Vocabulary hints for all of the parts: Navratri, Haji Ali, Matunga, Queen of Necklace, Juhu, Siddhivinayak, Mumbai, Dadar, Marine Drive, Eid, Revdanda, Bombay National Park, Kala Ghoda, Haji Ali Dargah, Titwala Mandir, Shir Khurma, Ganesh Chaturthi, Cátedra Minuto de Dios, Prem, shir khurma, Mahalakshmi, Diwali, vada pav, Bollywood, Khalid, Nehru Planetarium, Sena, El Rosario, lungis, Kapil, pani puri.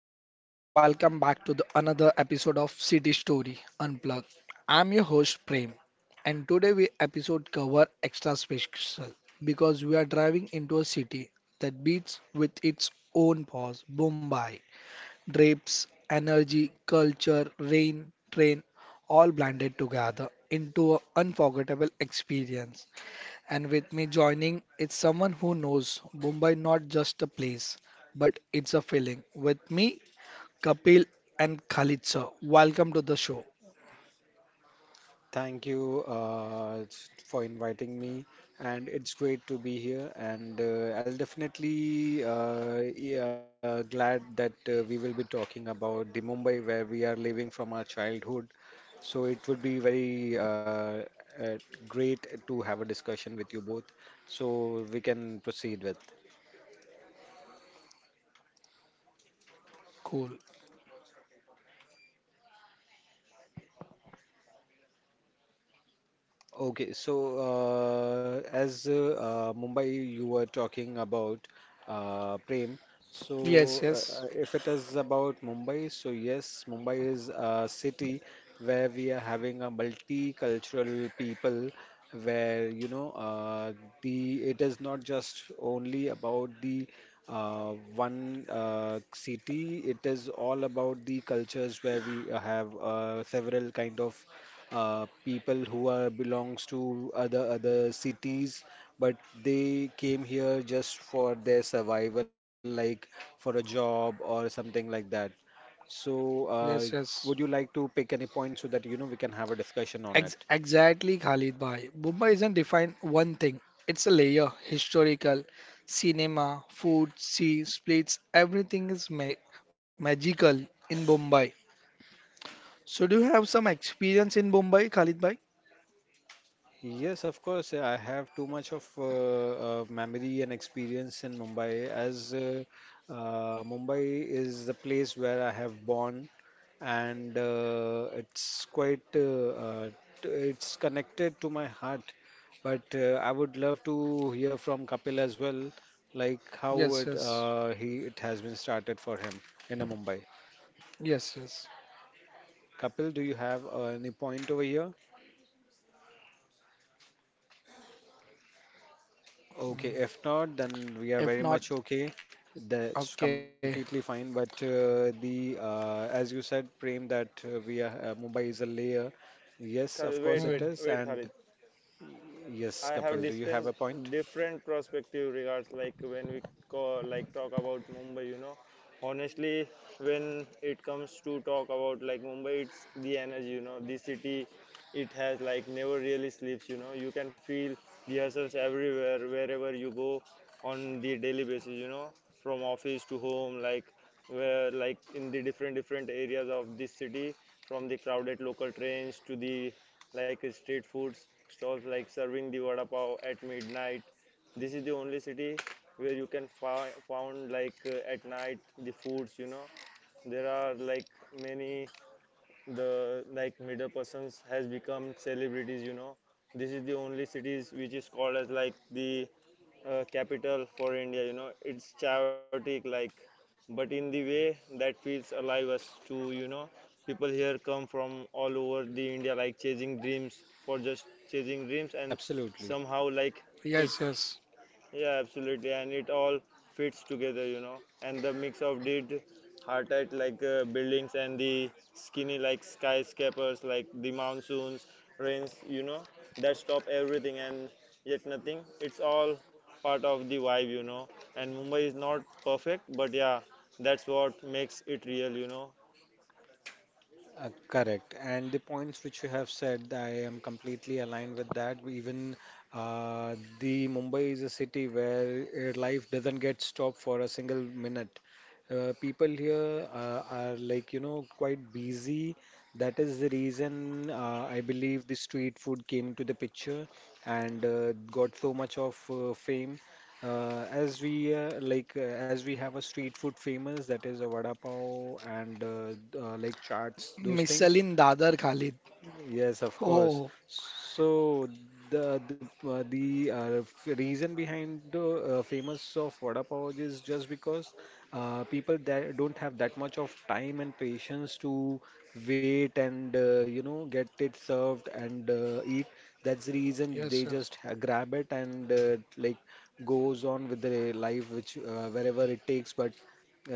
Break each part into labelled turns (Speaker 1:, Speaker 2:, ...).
Speaker 1: everyone. Welcome back to the another episode of City Story Unplugged. I'm your host Prem and today we episode cover extra special because we are driving into a city that beats with its own pause. Mumbai, drapes, energy, culture, rain, train all blended together into an unforgettable experience. And with me joining is someone who knows Mumbai not just a place but it's a feeling. With me Kapil and Khalid sir. Welcome to the show.
Speaker 2: Thank you for inviting me, and it's great to be here. And I'll definitely yeah, glad that we will be talking about the Mumbai where we are living from our childhood. So it would be very uh, great to have a discussion with you both. So we can proceed with.
Speaker 1: Cool.
Speaker 2: Okay, so as Mumbai, you were talking about Prem. So,
Speaker 1: Yes, yes,
Speaker 2: if it is about Mumbai, so yes, Mumbai is a city where we are having a multicultural people, where the it is not just only about the one city. It is all about the cultures where we have several kind of people who are belongs to other cities, but they came here just for their survival, like for a job or something like that. So
Speaker 1: yes,
Speaker 2: would
Speaker 1: yes.
Speaker 2: you like to pick any point so that you know we can have a discussion on it?
Speaker 1: Exactly, Khalid bhai. Mumbai isn't defined one thing. It's a layer, historical, cinema, food, sea, splits, everything is magical in Mumbai. So do you have some experience in Mumbai, Khalid bhai?
Speaker 2: Yes, of course. I have too much of memory and experience in Mumbai, as Mumbai is the place where I have born, and it's quite uh, it's connected to my heart. But I would love to hear from Kapil as well, like how it
Speaker 1: Yes, yes,
Speaker 2: uh, he it has been started for him in Mumbai.
Speaker 1: yes.
Speaker 2: Kapil, do you have any point over here? Okay, if not, then we are very
Speaker 1: If
Speaker 2: much
Speaker 1: not,
Speaker 2: okay. That's
Speaker 1: okay.
Speaker 2: completely fine. But the as you said, Prem, that we are Mumbai is a layer. Yes,
Speaker 3: Khalid,
Speaker 2: of
Speaker 3: wait,
Speaker 2: course
Speaker 1: Hmm.
Speaker 3: wait,
Speaker 2: it is.
Speaker 3: wait, Khalid.
Speaker 2: And
Speaker 3: I
Speaker 2: yes,
Speaker 3: have
Speaker 2: Kapil, do you
Speaker 3: dispensed
Speaker 2: have a point?
Speaker 3: different perspective regards like when we call, like talk about Mumbai, Honestly, when it comes to talk about like Mumbai, it's the energy. The city, it has like never really sleeps. You can feel the hustles everywhere, wherever you go on the daily basis, from office to home, like where like in the different different areas of this city, from the crowded local trains to the like street foods stalls like serving the vada pav at midnight. This is the only city where you can found like at night the foods. There are like many the like middle persons has become celebrities. This is the only cities which is called as like the capital for India. It's chaotic like, but in the way that feels alive us to people here come from all over the India like chasing dreams for just chasing dreams and
Speaker 2: Absolutely,
Speaker 3: somehow like it,
Speaker 1: Yes, yes,
Speaker 3: yeah, absolutely, and it all fits together. And the mix of did hardite like buildings and the skinny like skyscrapers, like the monsoons, rains, that stop everything and yet nothing. It's all part of the vibe. And Mumbai is not perfect, but yeah, that's what makes it real.
Speaker 2: correct. And the points which you have said, I am completely aligned with that. Even the Mumbai is a city where life doesn't get stopped for a single minute. People here are, like, you know, quite busy. That is the reason I believe the street food came to the picture and got so much of fame. As we have a street food famous, that is a vada pav, and like chaats, those things.
Speaker 1: Michelin Dadar Khalid.
Speaker 2: Yes, of course.
Speaker 1: Oh,
Speaker 2: So the reason behind the famous of vada pav is just because people that don't have that much of time and patience to wait and, you know, get it served and eat. That's the reason
Speaker 1: yes,
Speaker 2: they
Speaker 1: yes.
Speaker 2: just grab it and like goes on with their life, which wherever it takes. But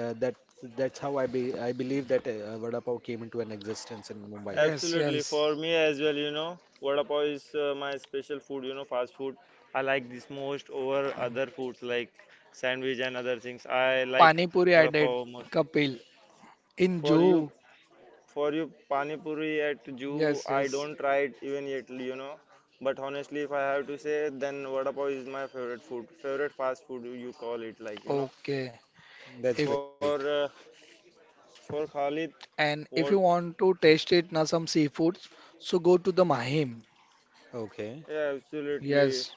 Speaker 2: that that's how I believe that vada pav came into an existence in Mumbai.
Speaker 1: Yes,
Speaker 3: Absolutely.
Speaker 1: yes.
Speaker 3: For me as well, vada pav is my special food, fast food. I like this most over other foods like sandwich and other things. I like
Speaker 1: Pani Puri I
Speaker 3: vada
Speaker 1: did,
Speaker 3: pav mostly.
Speaker 1: Kapil. In
Speaker 3: For you,
Speaker 1: Juhu.
Speaker 3: for you, pani puri at Jew,
Speaker 1: Yes,
Speaker 3: I
Speaker 1: yes.
Speaker 3: don't try it even yet. But honestly, if I have to say, then vada pav is my favorite food, favorite fast food you call it, like,
Speaker 1: Okay.
Speaker 2: That's
Speaker 1: If
Speaker 2: great.
Speaker 3: For uh, for Khalid,
Speaker 1: and if you
Speaker 3: what?
Speaker 1: want to taste it na some seafoods, so go to the Mahim.
Speaker 2: Okay.
Speaker 3: Yeah,
Speaker 1: Yes.
Speaker 3: absolutely.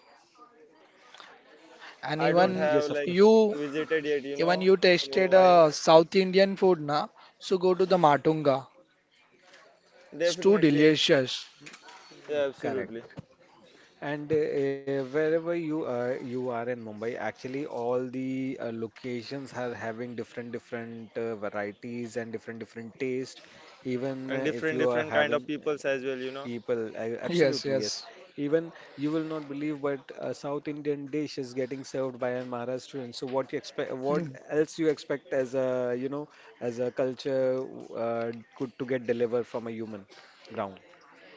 Speaker 1: And
Speaker 2: Uh,
Speaker 3: I don't
Speaker 2: yes, of
Speaker 3: have
Speaker 2: course.
Speaker 3: like
Speaker 1: you
Speaker 3: visited yet,
Speaker 1: even you tasted
Speaker 3: Wahim.
Speaker 1: South Indian food na, so go to the Matunga. It's too
Speaker 3: Definitely,
Speaker 1: delicious.
Speaker 3: yeah, absolutely.
Speaker 2: Correct. And wherever you are in Mumbai, actually all the locations are having different different varieties and different different taste. Even
Speaker 3: And
Speaker 2: if
Speaker 3: different,
Speaker 2: you are
Speaker 3: different kind of
Speaker 2: having
Speaker 3: peoples as well,
Speaker 2: People, I,
Speaker 1: Yes,
Speaker 2: absolutely yes.
Speaker 1: yes.
Speaker 2: Even you will not believe, but a South Indian dish is getting served by a Maharashtrian. So what you expect? What else you expect as a, you know, as a culture uh, could to get delivered from a human ground?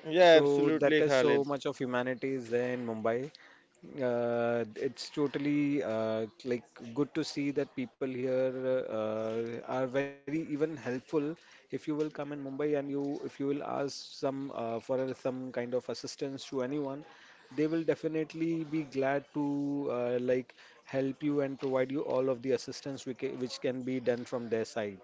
Speaker 3: Yeah,
Speaker 2: So that
Speaker 3: absolutely,
Speaker 2: is so
Speaker 3: Khalid.
Speaker 2: much of humanity is there in Mumbai, it's totally like good to see that people here are very even helpful. If you will come in Mumbai and you if you will ask some some kind of assistance to anyone, they will definitely be glad to like help you and provide you all of the assistance which can be done from their side.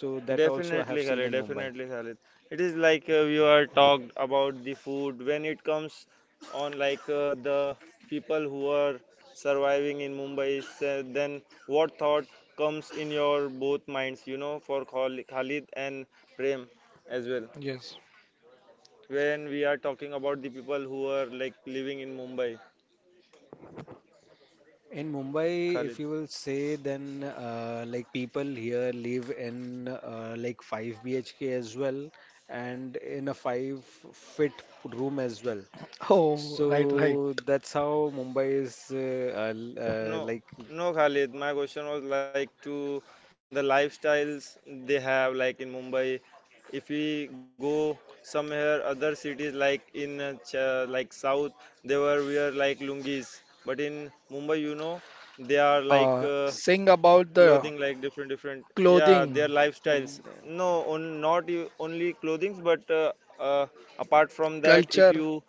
Speaker 2: So that also I have
Speaker 3: Definitely,
Speaker 2: seen
Speaker 3: Khalid.
Speaker 2: in Mumbai.
Speaker 3: Definitely, Khalid. It is like we are talked about the food when it comes on like the people who are surviving in Mumbai. So then what thought comes in your both minds, for Khalid and Prem as well?
Speaker 1: Yes.
Speaker 3: When we are talking about the people who are like living in Mumbai,
Speaker 2: In Mumbai, if
Speaker 3: Khalid.
Speaker 2: you will say, then like people here live in like 5 BHK as well and in a 5 fit room as well.
Speaker 1: Oh, right, right.
Speaker 2: So that's how Mumbai is
Speaker 3: No, no, Khalid. My question was like to the lifestyles they have like in Mumbai. If we go somewhere other cities like in like South, they were wear like lungis, but in Mumbai, they are like
Speaker 1: Uh, sing about the
Speaker 3: clothing like different different. Yeah,
Speaker 1: clothing
Speaker 3: their lifestyles.
Speaker 2: like.
Speaker 3: No, on, not only clothing, but uh, apart from that, if
Speaker 1: culture.
Speaker 3: you,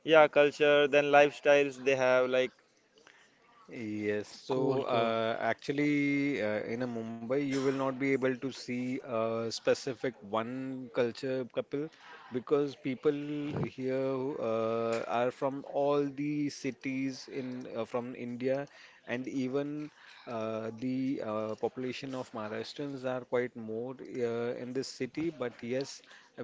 Speaker 3: yeah, culture, then lifestyles they have like
Speaker 2: Yes, so
Speaker 1: Cool, cool.
Speaker 2: in a Mumbai, you will not be able to see a specific one culture couple because people here who, are from all the cities in from India, and even the population of Maharashtrians are quite more in this city, but yes,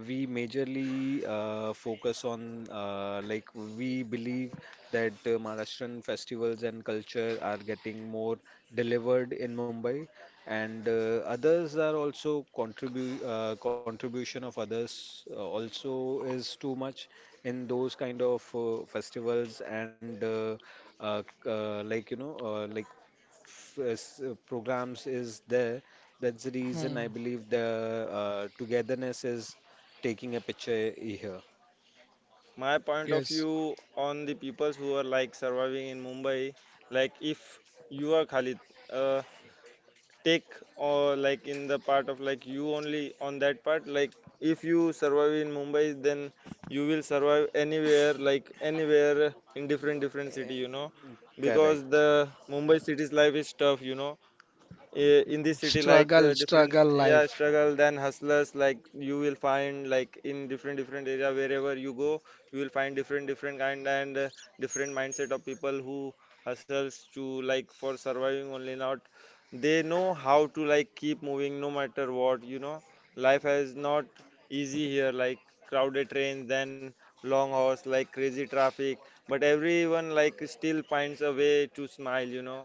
Speaker 2: we majorly focus on like we believe that Maharashtrian festivals and culture are getting more delivered in Mumbai, and others are also contribute contribution of others also is too much in those kind of festivals and like, you know, like programs is there. That's the reason
Speaker 1: Hmm.
Speaker 2: I believe the togetherness is taking a picture here.
Speaker 3: my point of
Speaker 1: Yes.
Speaker 3: view on the peoples who are like surviving in Mumbai. Like if you are Khalid, uh, take or like in the part of like you only on that part, like if you survive in Mumbai, then you will survive anywhere, like anywhere in different different city, because
Speaker 2: Correct.
Speaker 3: the Mumbai city's life is tough, In this city, like
Speaker 1: Struggle,
Speaker 3: different,
Speaker 1: struggle
Speaker 3: yeah,
Speaker 1: life.
Speaker 3: struggle than hustlers, like you will find like in different different area wherever you go. You will find different different kind and different mindset of people who hustles to like for surviving only, not. They know how to like keep moving, no matter what, life is not easy here, like crowded trains, then long hours, like crazy traffic, but everyone like still finds a way to smile,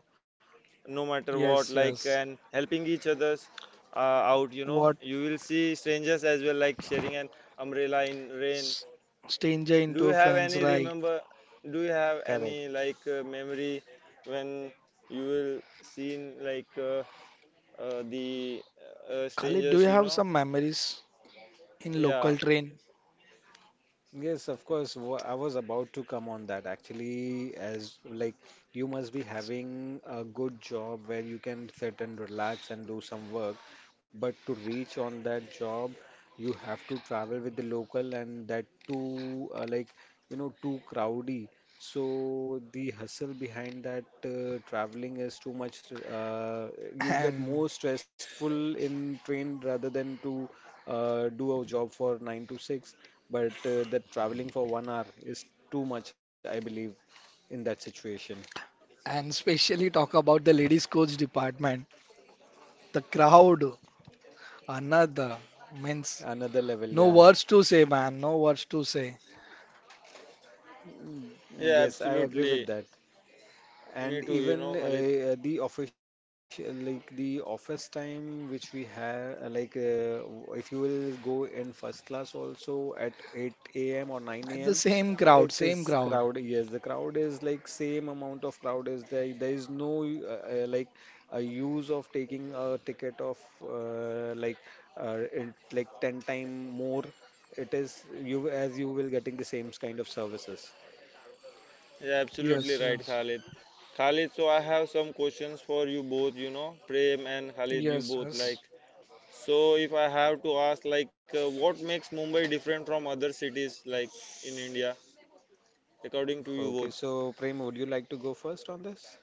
Speaker 3: no matter
Speaker 1: Yes,
Speaker 3: what, like,
Speaker 1: yes.
Speaker 3: and helping each others uh, out,
Speaker 1: What
Speaker 3: you will see strangers as well like sharing an umbrella in rain.
Speaker 1: s- stranger
Speaker 3: Do
Speaker 1: into
Speaker 3: you have
Speaker 1: friends,
Speaker 3: any
Speaker 1: right?
Speaker 2: Correct.
Speaker 3: like memory when you will seen like the
Speaker 1: Khalid, do you
Speaker 3: strangers,
Speaker 1: have some memories in
Speaker 3: yeah,
Speaker 1: local train?
Speaker 2: Yes, of course. I was about to come on that actually, as like you must be having a good job where you can sit and relax and do some work. But to reach on that job, you have to travel with the local, and that too, like, you know, too crowdy. So the hustle behind that traveling is too much. You get
Speaker 1: And
Speaker 2: more stressful in train rather than to do a job for nine to six. But that traveling for 1 hour is too much, I believe, in that situation.
Speaker 1: and especially talk about the ladies coach department. The crowd, another means
Speaker 2: Another level,
Speaker 1: no
Speaker 2: yeah.
Speaker 1: words to say, man. No words to say.
Speaker 3: yeah,
Speaker 2: Yes, I agree with
Speaker 3: absolutely.
Speaker 2: that.
Speaker 3: Me
Speaker 2: And
Speaker 3: too,
Speaker 2: even
Speaker 3: Khalid.
Speaker 2: the official, like the office time which we have if you will go in first class also at 8 a.m. or
Speaker 1: At
Speaker 2: 9
Speaker 1: the
Speaker 2: a.m.
Speaker 1: same crowd,
Speaker 2: it
Speaker 1: same
Speaker 2: is
Speaker 1: crowd.
Speaker 2: crowd. Yes, the crowd is like same amount of crowd is there. There is no like a use of taking a ticket of like 10 time more. It is you, as you will getting the same kind of services.
Speaker 3: Yeah, absolutely
Speaker 1: Yes,
Speaker 3: right,
Speaker 1: yes.
Speaker 3: Khalid. Khalid, so I have some questions for you both, Prem and Khalid, you both.
Speaker 1: Yes,
Speaker 3: Like,
Speaker 1: yes.
Speaker 3: so if I have to ask, like, what makes Mumbai different from other cities like in India, according to you both?
Speaker 2: Okay, so Prem, would you like to go first on this?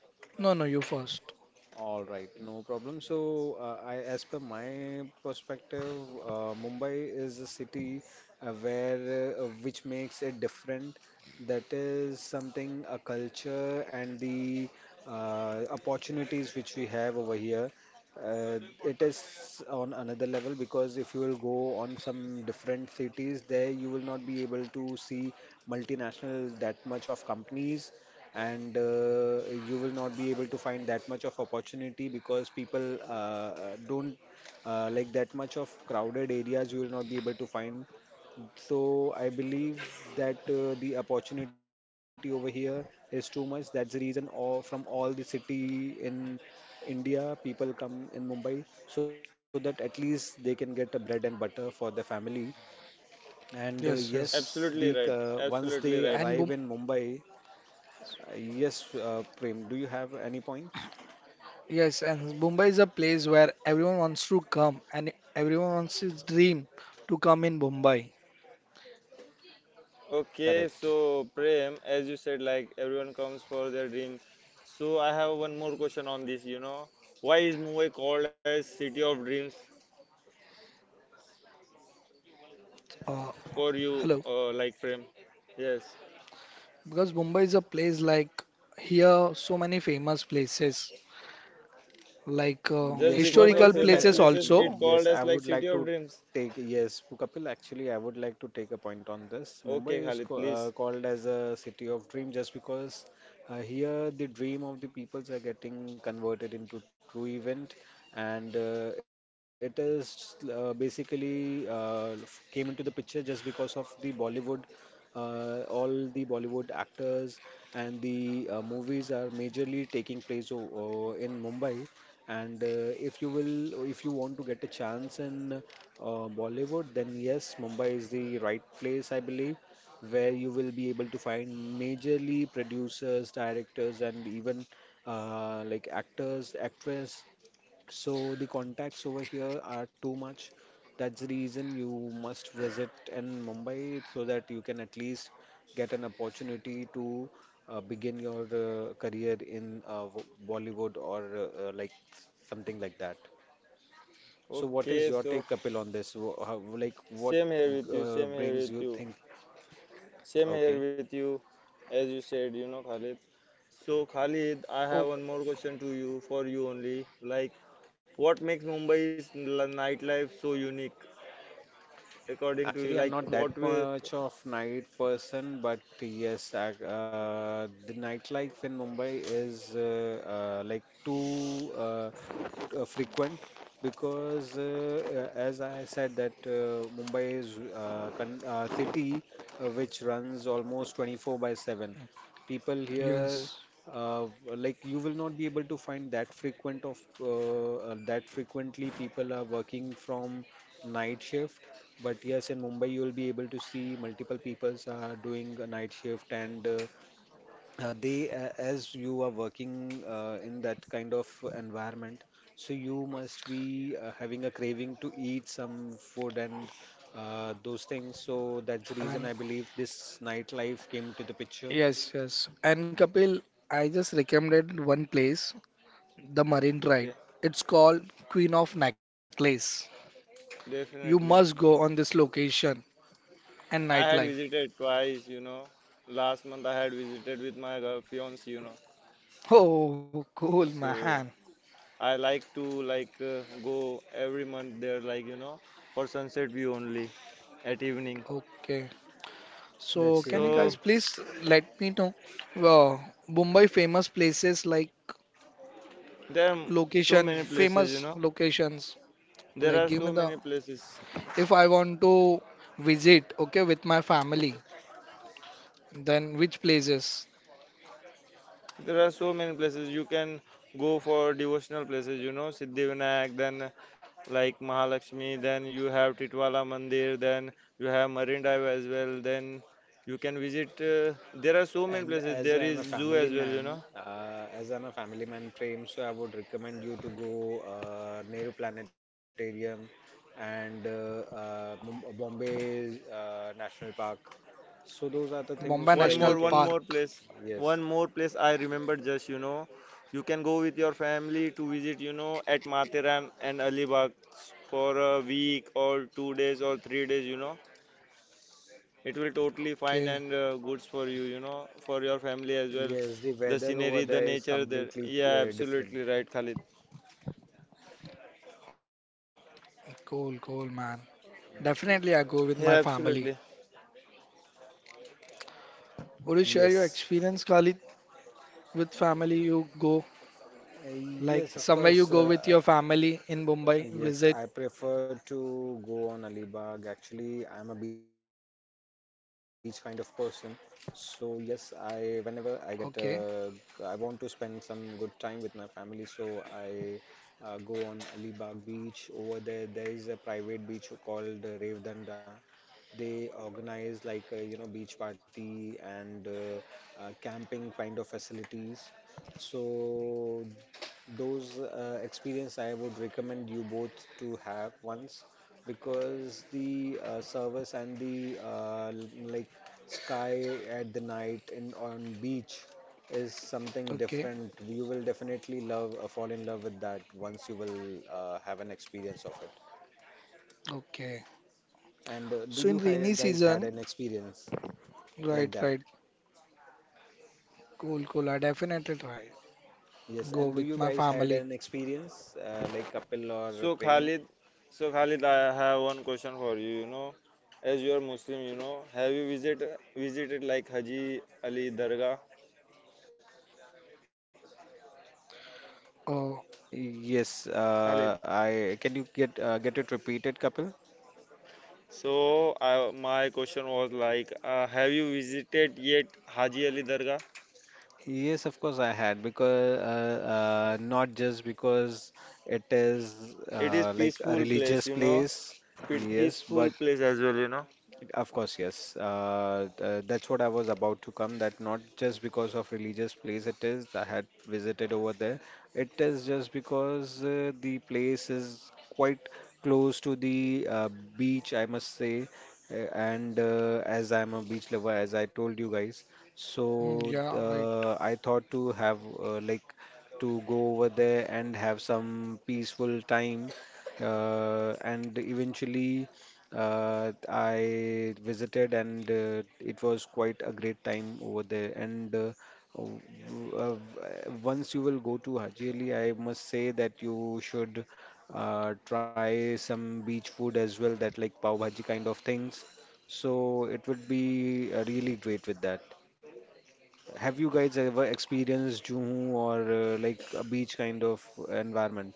Speaker 1: No, no, you first.
Speaker 2: All right, no problem. So, I, as per my perspective, Mumbai is a city where which makes it different. That is something a culture and the opportunities which we have over here. It is on another level, because if you will go on some different cities, there you will not be able to see multinational that much of companies, and you will not be able to find that much of opportunity, because people don't like that much of crowded areas you will not be able to find. So I believe that the opportunity over here is too much. That's the reason all, from all the city in India, people come in Mumbai so that at least they can get a bread and butter for their family, and yes,
Speaker 1: Yes, yes.
Speaker 3: Absolutely
Speaker 2: the
Speaker 3: right.
Speaker 2: once they
Speaker 3: Absolutely right.
Speaker 2: arrive
Speaker 1: And
Speaker 2: in Mumbai. Yes, Prem, do you have any point?
Speaker 1: yes, and Mumbai is a place where everyone wants to come and everyone wants his dream to come in Mumbai.
Speaker 2: Correct.
Speaker 3: Okay, so Prem, as you said, like everyone comes for their dream. So I have one more question on this. Why is Mumbai called as city of dreams
Speaker 1: Uh,
Speaker 3: for you,
Speaker 1: hello,
Speaker 3: like Prem? Yes,
Speaker 1: because Mumbai is a place like here so many famous places like
Speaker 3: just
Speaker 2: Yes, Mumbai
Speaker 3: because of
Speaker 1: historical
Speaker 2: is a. co-
Speaker 3: famous
Speaker 1: places
Speaker 3: places, it
Speaker 1: also.
Speaker 2: Yes,
Speaker 3: called
Speaker 2: I
Speaker 3: as like
Speaker 2: would
Speaker 3: city
Speaker 2: like to
Speaker 3: of dreams.
Speaker 2: take. Yes, Kapil, actually, I would like to take a point on this. Mumbai
Speaker 3: Okay,
Speaker 2: is
Speaker 3: Khalid,
Speaker 2: co
Speaker 3: please.
Speaker 2: called as a city of dream just because here the dream of the peoples are getting converted into true event, and it is basically f- came into the picture just because of the Bollywood. All the Bollywood actors and the movies are majorly taking place in Mumbai. And if you want to get a chance in Bollywood, then yes, Mumbai is the right place, I believe, where you will be able to find majorly producers, directors, and even like actors, actress. So the contacts over here are too much. That's the reason you must visit in Mumbai so that you can at least get an opportunity to begin your career in Bollywood or like something like that. So what is
Speaker 3: Okay,
Speaker 2: your
Speaker 3: so
Speaker 2: take, Kapil, on this? How, like what
Speaker 3: same here with you, same here
Speaker 2: brings
Speaker 3: with
Speaker 2: you
Speaker 3: you,
Speaker 2: think?
Speaker 3: same here
Speaker 2: Okay.
Speaker 3: with you, as you said, Khalid. So, Khalid, I
Speaker 1: Oh,
Speaker 3: have one more question to you, for you only. Like, what makes Mumbai's nightlife so unique, according to you?
Speaker 2: Actually,
Speaker 3: Like,
Speaker 2: I'm not
Speaker 3: what
Speaker 2: that
Speaker 3: way?
Speaker 2: much of night person, but yes, I, the nightlife in Mumbai is like too frequent, because, as I said, that Mumbai is con city which runs almost 24 by 7. People here,
Speaker 1: yes.
Speaker 2: uh, like you will not be able to find that frequent of that frequently people are working from night shift. But yes, in Mumbai, you will be able to see multiple peoples are doing a night shift, and as you are working in that kind of environment, so you must be having a craving to eat some food and those things. So that's the reason
Speaker 1: And
Speaker 2: I believe this nightlife came to the picture.
Speaker 1: yes, yes. And Kapil, I just recommended one place, the Marine Drive.
Speaker 3: Okay,
Speaker 1: It's called Queen of Necklace. You
Speaker 3: definitely.
Speaker 1: must go on this location and
Speaker 3: I had
Speaker 1: nightlife.
Speaker 3: visited twice, Last month I had visited with my girl, fiance,
Speaker 1: Oh, cool,
Speaker 3: So,
Speaker 1: man.
Speaker 3: I like to like go every month there, like, for sunset view only at evening.
Speaker 1: Okay.
Speaker 2: That's
Speaker 1: So can
Speaker 2: really
Speaker 1: you
Speaker 3: So
Speaker 2: great.
Speaker 1: guys please let me know uh, Mumbai famous places like
Speaker 3: there are so
Speaker 1: location,
Speaker 3: many places,
Speaker 1: famous locations.
Speaker 3: There
Speaker 1: Like
Speaker 3: are
Speaker 1: give me
Speaker 3: so
Speaker 1: the
Speaker 3: many places.
Speaker 1: if I want to visit, okay, with my family, then which places?
Speaker 3: There are so many places you can go for devotional places, Siddhivinayak, then like Mahalakshmi, then you have Titwala Mandir, then you have Marine Drive as well. Then you can visit. There are so many
Speaker 2: And
Speaker 3: places.
Speaker 2: as I
Speaker 3: There
Speaker 2: am a
Speaker 3: is zoo
Speaker 2: family
Speaker 3: as well,
Speaker 2: man, Prem, so I would recommend you to go Nehru Planetarium and Bombay's National Park. So those are the
Speaker 1: Bombay
Speaker 3: One
Speaker 2: things
Speaker 1: National
Speaker 2: where
Speaker 3: more,
Speaker 2: you
Speaker 3: one
Speaker 1: Park.
Speaker 2: can,
Speaker 3: more place, one
Speaker 2: yes,
Speaker 3: more place I remember just, you can go with your family to visit, at Matharan and Alibag for a week or 2 days or 3 days, It will totally fine
Speaker 1: Okay.
Speaker 3: and goods for you, for your family as well.
Speaker 2: yes, the
Speaker 3: The
Speaker 2: weather over
Speaker 3: scenery, the
Speaker 2: there is
Speaker 3: nature there.
Speaker 2: completely
Speaker 3: Yeah,
Speaker 2: different.
Speaker 3: absolutely right, Khalid.
Speaker 1: Cool, cool, man. Definitely I go with my
Speaker 3: Yeah,
Speaker 1: family.
Speaker 3: absolutely.
Speaker 1: Would you share your
Speaker 2: Yes.
Speaker 1: experience, Khalid, with family you go?
Speaker 2: Uh,
Speaker 1: Like
Speaker 2: yes, of
Speaker 1: somewhere you
Speaker 2: course.
Speaker 1: go with your
Speaker 2: Uh,
Speaker 1: family in Mumbai,
Speaker 2: Yes,
Speaker 1: visit.
Speaker 2: I prefer to go on Alibag. Actually, I'm a beach kind of person. So yes, I whenever I
Speaker 1: Okay.
Speaker 2: get I want to spend some good time with my family, so I go on Alibag beach. Over there, there is a private beach called Revdanda. They organize like beach party and camping kind of facilities. So those experience I would recommend you both to have once because the service and the like sky at the night and on beach is something
Speaker 1: Okay,
Speaker 2: different. You will definitely love fall in love with that once you will have an experience of it.
Speaker 1: okay.
Speaker 2: And do
Speaker 1: So in
Speaker 2: you
Speaker 1: rainy
Speaker 2: guys had an
Speaker 1: season,
Speaker 2: experience? Like
Speaker 1: right,
Speaker 2: that.
Speaker 1: right. Cool, cool. I definitely try.
Speaker 2: Yes,
Speaker 1: Go
Speaker 2: and do
Speaker 1: with
Speaker 2: you
Speaker 1: my
Speaker 2: guys had
Speaker 1: family.
Speaker 2: an experience like Kapil or
Speaker 3: So
Speaker 2: Prem?
Speaker 3: Khalid, so Khalid, I have one question for you. As you are Muslim, have you visited like Haji Ali Dargah,
Speaker 1: Oh,
Speaker 2: Yes,
Speaker 3: Khalid?
Speaker 2: I can you get it repeated, Kapil?
Speaker 3: So my question was like, have you visited yet Haji Ali Dargah?
Speaker 2: Yes, of course I had because not just because it is
Speaker 3: It is
Speaker 2: like a
Speaker 3: peaceful place,
Speaker 2: religious place, yes,
Speaker 3: peaceful
Speaker 2: but
Speaker 3: place as well,
Speaker 2: of course, yes. That's what I was about to come. That not just because of religious place it is. I had visited over there. It is just because the place is quite close to the beach, I must say. And as I'm a beach lover, as I told you guys, so
Speaker 1: mm, yeah, right.
Speaker 2: I thought to have like to go over there and have some peaceful time. And eventually, I visited and it was quite a great time over there. And uh, w- w- uh, w- once you will go to Haji Ali, I must say that you should try some beach food as well, that like pav bhaji kind of things. So it would be really great with that. Have you guys ever experienced Juhu or like a beach kind of environment?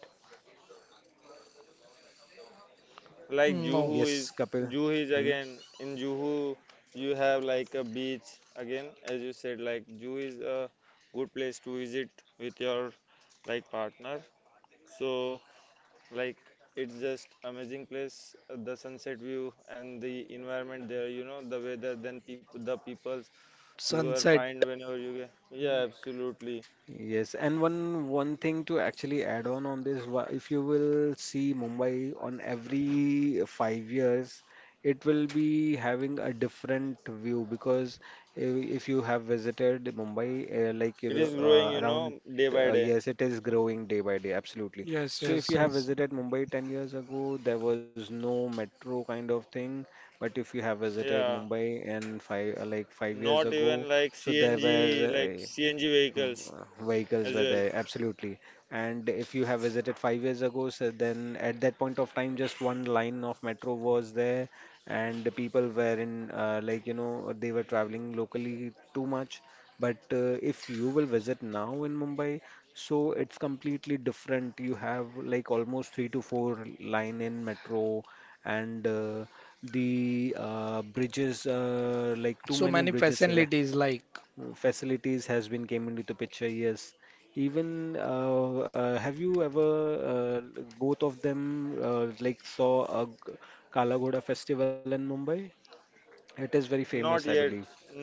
Speaker 3: Like
Speaker 1: Mm, no,
Speaker 2: Yes, Kapil.
Speaker 3: Juhu is again in Juhu you have like a beach again, as you said, like Juhu is a good place to visit with your like partner, so like it's just amazing place, the sunset view and the environment there, the weather, then people, the peoples you are
Speaker 1: sunset.
Speaker 3: find whenever you get, yeah, absolutely.
Speaker 2: Yes, and one thing to actually add on this, if you will see Mumbai on every 5 years, it will be having a different view because if you have visited Mumbai, like
Speaker 3: It
Speaker 2: you're,
Speaker 3: is growing,
Speaker 2: around
Speaker 3: day by day.
Speaker 2: yes, it is growing day by day, absolutely.
Speaker 1: Yes,
Speaker 2: So if
Speaker 1: yes,
Speaker 2: you have
Speaker 1: yes.
Speaker 2: visited Mumbai 10 years ago, there was no metro kind of thing, but if you have visited
Speaker 3: Yeah,
Speaker 2: Mumbai in 5 years
Speaker 3: not
Speaker 2: ago,
Speaker 3: even like
Speaker 2: so there
Speaker 3: CNG,
Speaker 2: were
Speaker 3: like
Speaker 2: uh,
Speaker 3: CNG vehicles
Speaker 2: vehicles
Speaker 3: as
Speaker 2: were
Speaker 3: well.
Speaker 2: there absolutely. And if you have visited 5 years ago, so then at that point of time just one line of metro was there, and the people were in they were traveling locally too much. But if you will visit now in Mumbai, so it's completely different. You have like almost three to four line in metro, and the bridges, like too
Speaker 1: So
Speaker 2: many
Speaker 1: many
Speaker 2: bridges,
Speaker 1: facilities like
Speaker 2: facilities has been came into the picture. Yes, even have you ever, both of them, saw a Kala Ghoda festival in Mumbai? It is very famous,
Speaker 3: not
Speaker 2: I
Speaker 3: yet
Speaker 2: believe.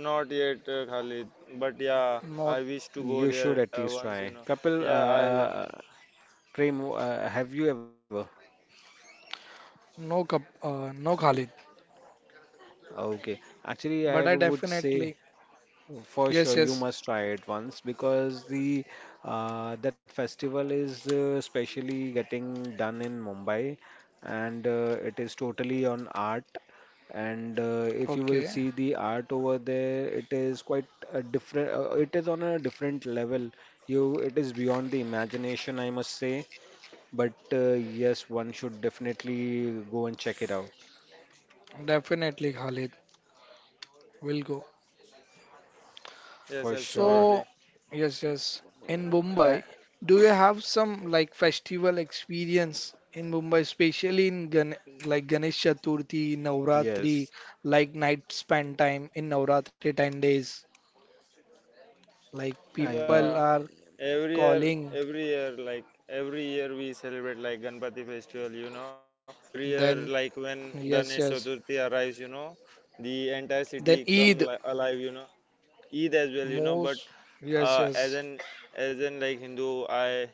Speaker 3: not yet Khalid, but yeah,
Speaker 1: not
Speaker 3: I wish to go
Speaker 2: You should
Speaker 3: there
Speaker 2: at least
Speaker 3: once,
Speaker 2: try, Kapil.
Speaker 3: yeah, I will.
Speaker 2: Prem, have you ever?
Speaker 1: no cup, no Khalid.
Speaker 2: Okay, actually I
Speaker 1: But I
Speaker 2: would say,
Speaker 1: definitely
Speaker 2: for sure,
Speaker 1: yes,
Speaker 2: you
Speaker 1: yes.
Speaker 2: must try it once because the that festival is especially getting done in Mumbai, and it is totally on art. And if you will
Speaker 1: Okay,
Speaker 2: see the art over there, it is quite a different. It is on a different level. You, it is beyond the imagination, I must say. But yes, one should definitely go and check it out
Speaker 1: definitely Khalid. Will go.
Speaker 2: for
Speaker 3: Yes,
Speaker 2: sure.
Speaker 1: So,
Speaker 3: absolutely.
Speaker 1: yes, yes. In
Speaker 2: Uh,
Speaker 1: Mumbai, do you have some like festival experience in Mumbai, especially in Gan like Ganesh Chaturthi, Navratri,
Speaker 2: yes.
Speaker 1: like night spend time in Navratri 10 days, like
Speaker 2: I
Speaker 1: people
Speaker 3: Yeah.
Speaker 1: are calling,
Speaker 3: Every year, like every year we celebrate like Ganpati festival, Every
Speaker 1: then
Speaker 3: year, like when
Speaker 1: yes, yes.
Speaker 3: Ganesh Chaturthi arrives, the entire
Speaker 1: Then
Speaker 3: city
Speaker 1: Eid,
Speaker 3: come alive, Eid as well, But
Speaker 1: most, yes,
Speaker 3: as
Speaker 1: yes.
Speaker 3: an like Hindu, I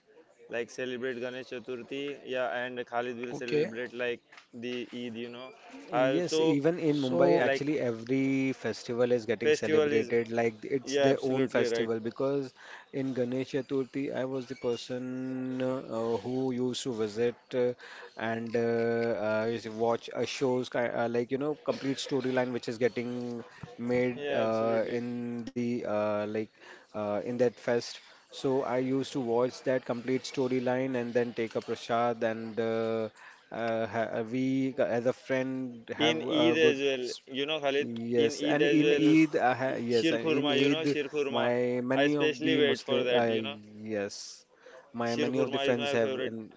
Speaker 3: like celebrate Ganesh Chaturthi, yeah, and Khalid will
Speaker 1: Okay.
Speaker 3: celebrate like the Eid, I
Speaker 2: yes,
Speaker 3: also
Speaker 2: even in Mumbai,
Speaker 1: So,
Speaker 3: like
Speaker 2: actually, every festival is getting
Speaker 3: festival is,
Speaker 2: celebrated like it's
Speaker 3: yeah,
Speaker 2: their own
Speaker 3: absolutely right.
Speaker 2: festival. Because in Ganesh Chaturthi, I was the person who used to visit and used to watch a shows complete storyline which is getting made
Speaker 3: Yeah, absolutely.
Speaker 2: in the in that fest. So I used to watch that complete storyline and then take a prasad and ha- we as a friend have
Speaker 3: In
Speaker 2: a
Speaker 3: Eid
Speaker 2: good
Speaker 3: as well, Khalid, in
Speaker 2: yes,
Speaker 3: Eid
Speaker 2: and
Speaker 3: as
Speaker 2: in
Speaker 3: well,
Speaker 2: Eid I ha, yes,
Speaker 3: Shir
Speaker 2: and in
Speaker 3: Khurma,
Speaker 2: Eid
Speaker 3: Shir Khurma.
Speaker 2: my
Speaker 3: I
Speaker 2: many of the
Speaker 3: especially wait
Speaker 2: Muslim
Speaker 3: for that,
Speaker 2: yes, my many
Speaker 3: Shir
Speaker 2: of the
Speaker 3: Khurma is
Speaker 2: friends
Speaker 3: my
Speaker 2: have
Speaker 3: favorite.
Speaker 2: in.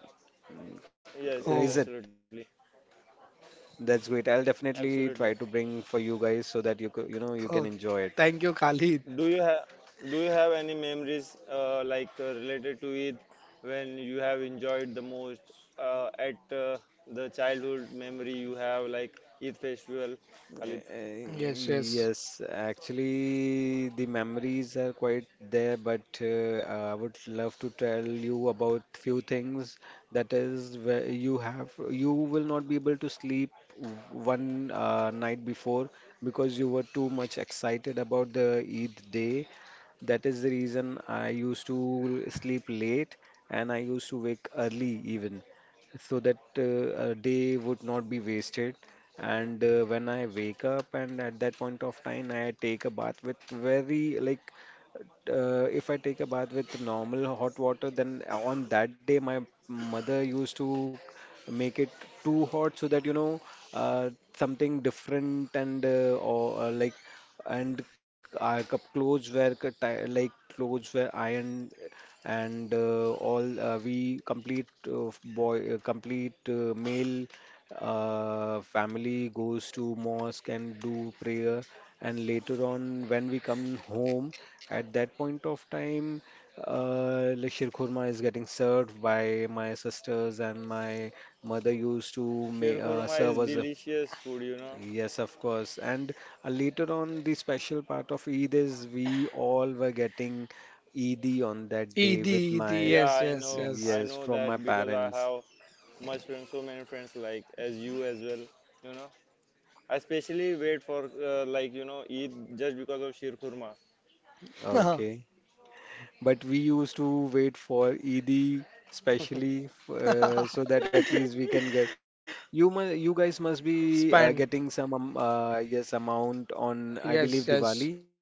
Speaker 3: Yes, yes,
Speaker 2: Is it?
Speaker 1: oh,
Speaker 3: absolutely.
Speaker 2: That's great, I'll definitely try
Speaker 3: Absolutely.
Speaker 2: to bring for you guys so that you could, you know, you
Speaker 1: oh,
Speaker 2: can enjoy it.
Speaker 1: thank you, Khalid.
Speaker 3: Do you have do you have any memories like related to Eid, when you have enjoyed the most at, the childhood memory you have like Eid festival, Khalid?
Speaker 2: Uh,
Speaker 1: Yes, yes.
Speaker 2: Yes, actually, the memories are quite there, but I would love to tell you about few things. That is, where you will not be able to sleep one night before because you were too much excited about the Eid day. That is the reason I used to sleep late and I used to wake early even, so that a day would not be wasted. And when I wake up, and at that point of time, I take a bath with very like if I take a bath with normal hot water, then on that day my mother used to make it too hot so that you know uh, something different and or like and clothes were like clothes were ironed and all we complete boy complete male family goes to mosque and do prayer, and later on when we come home, at that point of time like shir khurma is getting served by my sisters, and my mother used to
Speaker 3: Shir Khurma is
Speaker 2: serve us
Speaker 3: delicious food,
Speaker 2: yes, of course. And later on the special part of eid is we all were getting eid on that day
Speaker 1: Eid,
Speaker 2: with
Speaker 1: Eid,
Speaker 2: my
Speaker 3: Yeah,
Speaker 1: yes,
Speaker 3: I
Speaker 1: yes,
Speaker 3: know.
Speaker 1: yes.
Speaker 3: I
Speaker 2: yes
Speaker 3: know
Speaker 2: from my
Speaker 3: that because I
Speaker 2: parents.
Speaker 3: have much friends so many friends, like as you as well, you know I especially wait for like, Eid just because of Shir Khurma.
Speaker 2: Okay, but we used to wait for Eid specially so that at least we can get you you guys must be getting
Speaker 1: Spend.
Speaker 2: some yes amount on I believe
Speaker 1: Yes,
Speaker 2: Diwali.
Speaker 1: yes.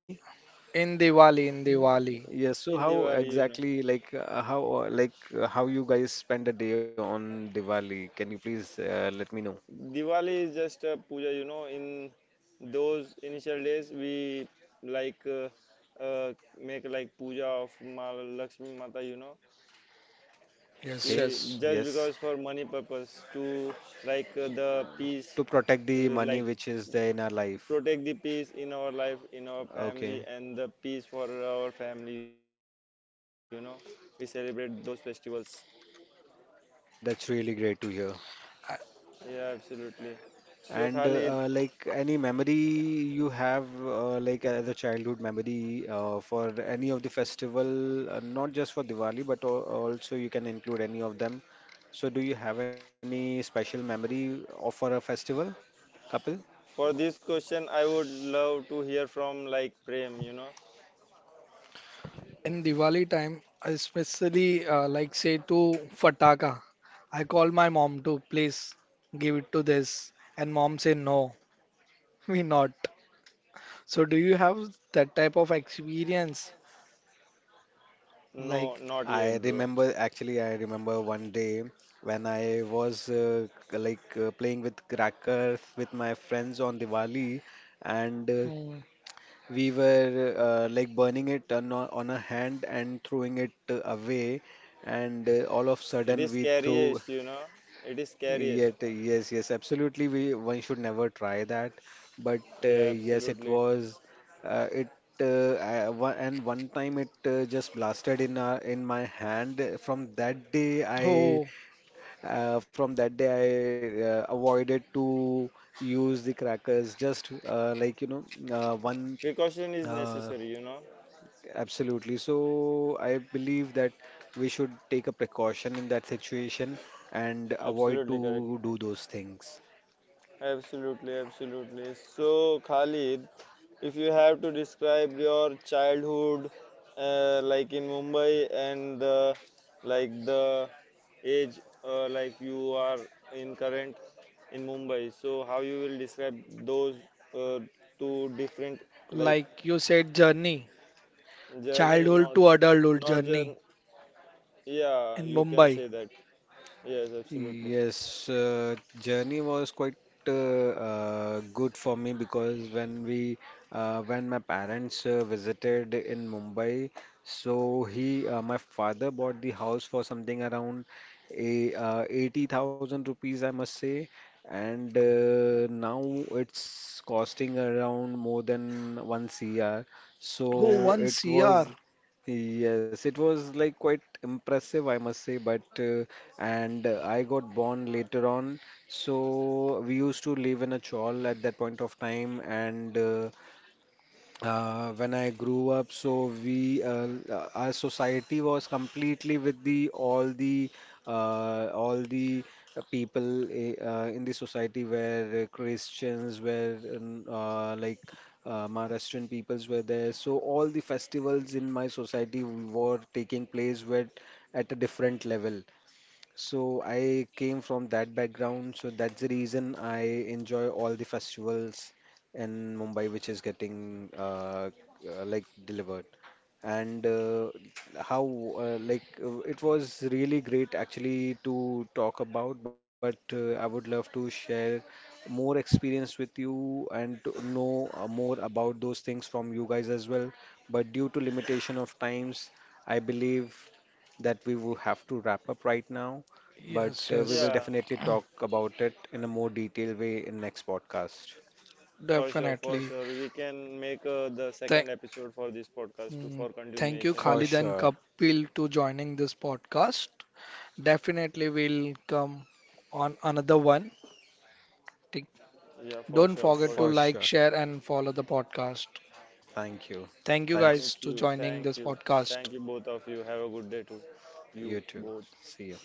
Speaker 1: In Diwali, in
Speaker 2: Yes,
Speaker 1: Diwali.
Speaker 2: so
Speaker 3: in
Speaker 2: how
Speaker 3: Diwali,
Speaker 2: exactly like how you guys spend a day on Diwali? Can you please let me know?
Speaker 3: Diwali is just a puja, in those initial days we like uh, make like puja of Ma Lakshmi Mata,
Speaker 2: Okay,
Speaker 3: she,
Speaker 1: Yes,
Speaker 3: just
Speaker 1: yes.
Speaker 2: yes.
Speaker 3: because for money purpose, to the peace,
Speaker 2: To protect the money
Speaker 3: like
Speaker 2: which is there in our life.
Speaker 3: protect the peace in our life, in our family,
Speaker 2: Okay,
Speaker 3: and the peace for our family. We celebrate those festivals.
Speaker 2: that's really great to hear.
Speaker 3: Yeah, absolutely. So,
Speaker 2: And
Speaker 3: Khalid,
Speaker 2: like any memory you have, like as a childhood memory for any of the festival, not just for Diwali, but also you can include any of them. So, do you have any special memory of for a festival, Kapil?
Speaker 3: for this question, I would love to hear from like Prem. You know,
Speaker 1: In Diwali time, I especially like say to Fataka. I call my mom to please give it to this, and mom say no, we not. So do you have that type of experience?
Speaker 3: no,
Speaker 1: Like,
Speaker 3: not yet,
Speaker 2: I
Speaker 3: bro.
Speaker 2: remember actually, I remember one day when I was playing with crackers with my friends on Diwali, and
Speaker 1: mm,
Speaker 2: we were like burning it on a hand and throwing it away, and all of
Speaker 3: It
Speaker 2: sudden
Speaker 3: is
Speaker 2: we threw.
Speaker 3: scariest. It is scariest.
Speaker 2: Yet, yes, yes, absolutely. We one should never try that. But
Speaker 3: Yeah,
Speaker 2: yes, it
Speaker 3: absolutely.
Speaker 2: was it I- one, and one time it just blasted in my hand. From that day, I
Speaker 1: oh,
Speaker 2: uh, from that day avoided to use the crackers. Just like you know, one.
Speaker 3: Precaution is
Speaker 2: Uh,
Speaker 3: necessary. You know,
Speaker 2: Absolutely. So I believe that we should take a precaution in that situation and avoid
Speaker 3: absolutely correct.
Speaker 2: to do those things.
Speaker 3: Absolutely, absolutely. So, Khalid, if you have to describe your childhood, like in Mumbai and the, like the age, like you are in current in Mumbai, so how you will describe those uh, two different like
Speaker 1: like you said, journey,
Speaker 3: journey,
Speaker 1: childhood
Speaker 3: not
Speaker 1: to adulthood
Speaker 3: not journey.
Speaker 1: journey
Speaker 3: Yeah,
Speaker 1: in
Speaker 3: you can
Speaker 1: Mumbai.
Speaker 3: say that. Yes, absolutely.
Speaker 2: Yes, journey was quite good for me because when we when my parents visited in Mumbai, so he my father bought the house for something around a 80,000 rupees, I must say, and now it's costing around more than one CR.
Speaker 1: Oh,
Speaker 2: So
Speaker 1: one
Speaker 2: it
Speaker 1: CR.
Speaker 2: was, yes, it was like quite impressive, I must say. But and I got born later on, so we used to live in a chawl at that point of time, and when I grew up, so we our society was completely with the all the all the people in the society were Christians, were like Maharashtrian peoples were there. So all the festivals in my society were taking place were at a different level. So I came from that background, so that's the reason I enjoy all the festivals in Mumbai which is getting like delivered. And how like It was really great actually to talk about, but I would love to share more experience with you and to know more about those things from you guys as well. But due to limitation of times, I believe that we will have to wrap up right now. But
Speaker 1: Yes,
Speaker 2: we
Speaker 1: yes,
Speaker 2: will
Speaker 3: Yeah,
Speaker 2: definitely talk about it in a more detailed way in next podcast.
Speaker 3: for sure, for
Speaker 1: definitely.
Speaker 3: sure. We can make the
Speaker 1: Thank,
Speaker 3: second episode for this podcast too
Speaker 1: mm,
Speaker 3: for
Speaker 1: Thank you,
Speaker 3: continuation,
Speaker 2: For
Speaker 1: Khalid and
Speaker 2: sure,
Speaker 1: Kapil, to joining this podcast. Definitely, we'll come on another one. Take-
Speaker 3: Yeah, for
Speaker 1: Don't
Speaker 3: sure,
Speaker 1: forget
Speaker 3: for
Speaker 1: to
Speaker 2: for
Speaker 3: sure.
Speaker 1: like,
Speaker 2: sure,
Speaker 1: share, and follow the podcast.
Speaker 2: thank you,
Speaker 1: Thank you guys
Speaker 2: thanks.
Speaker 3: Thank
Speaker 1: to
Speaker 3: you,
Speaker 1: joining this
Speaker 3: thank you,
Speaker 1: podcast.
Speaker 3: thank you, both of you. Have a good day too. You
Speaker 2: You too.
Speaker 3: both.
Speaker 2: See you.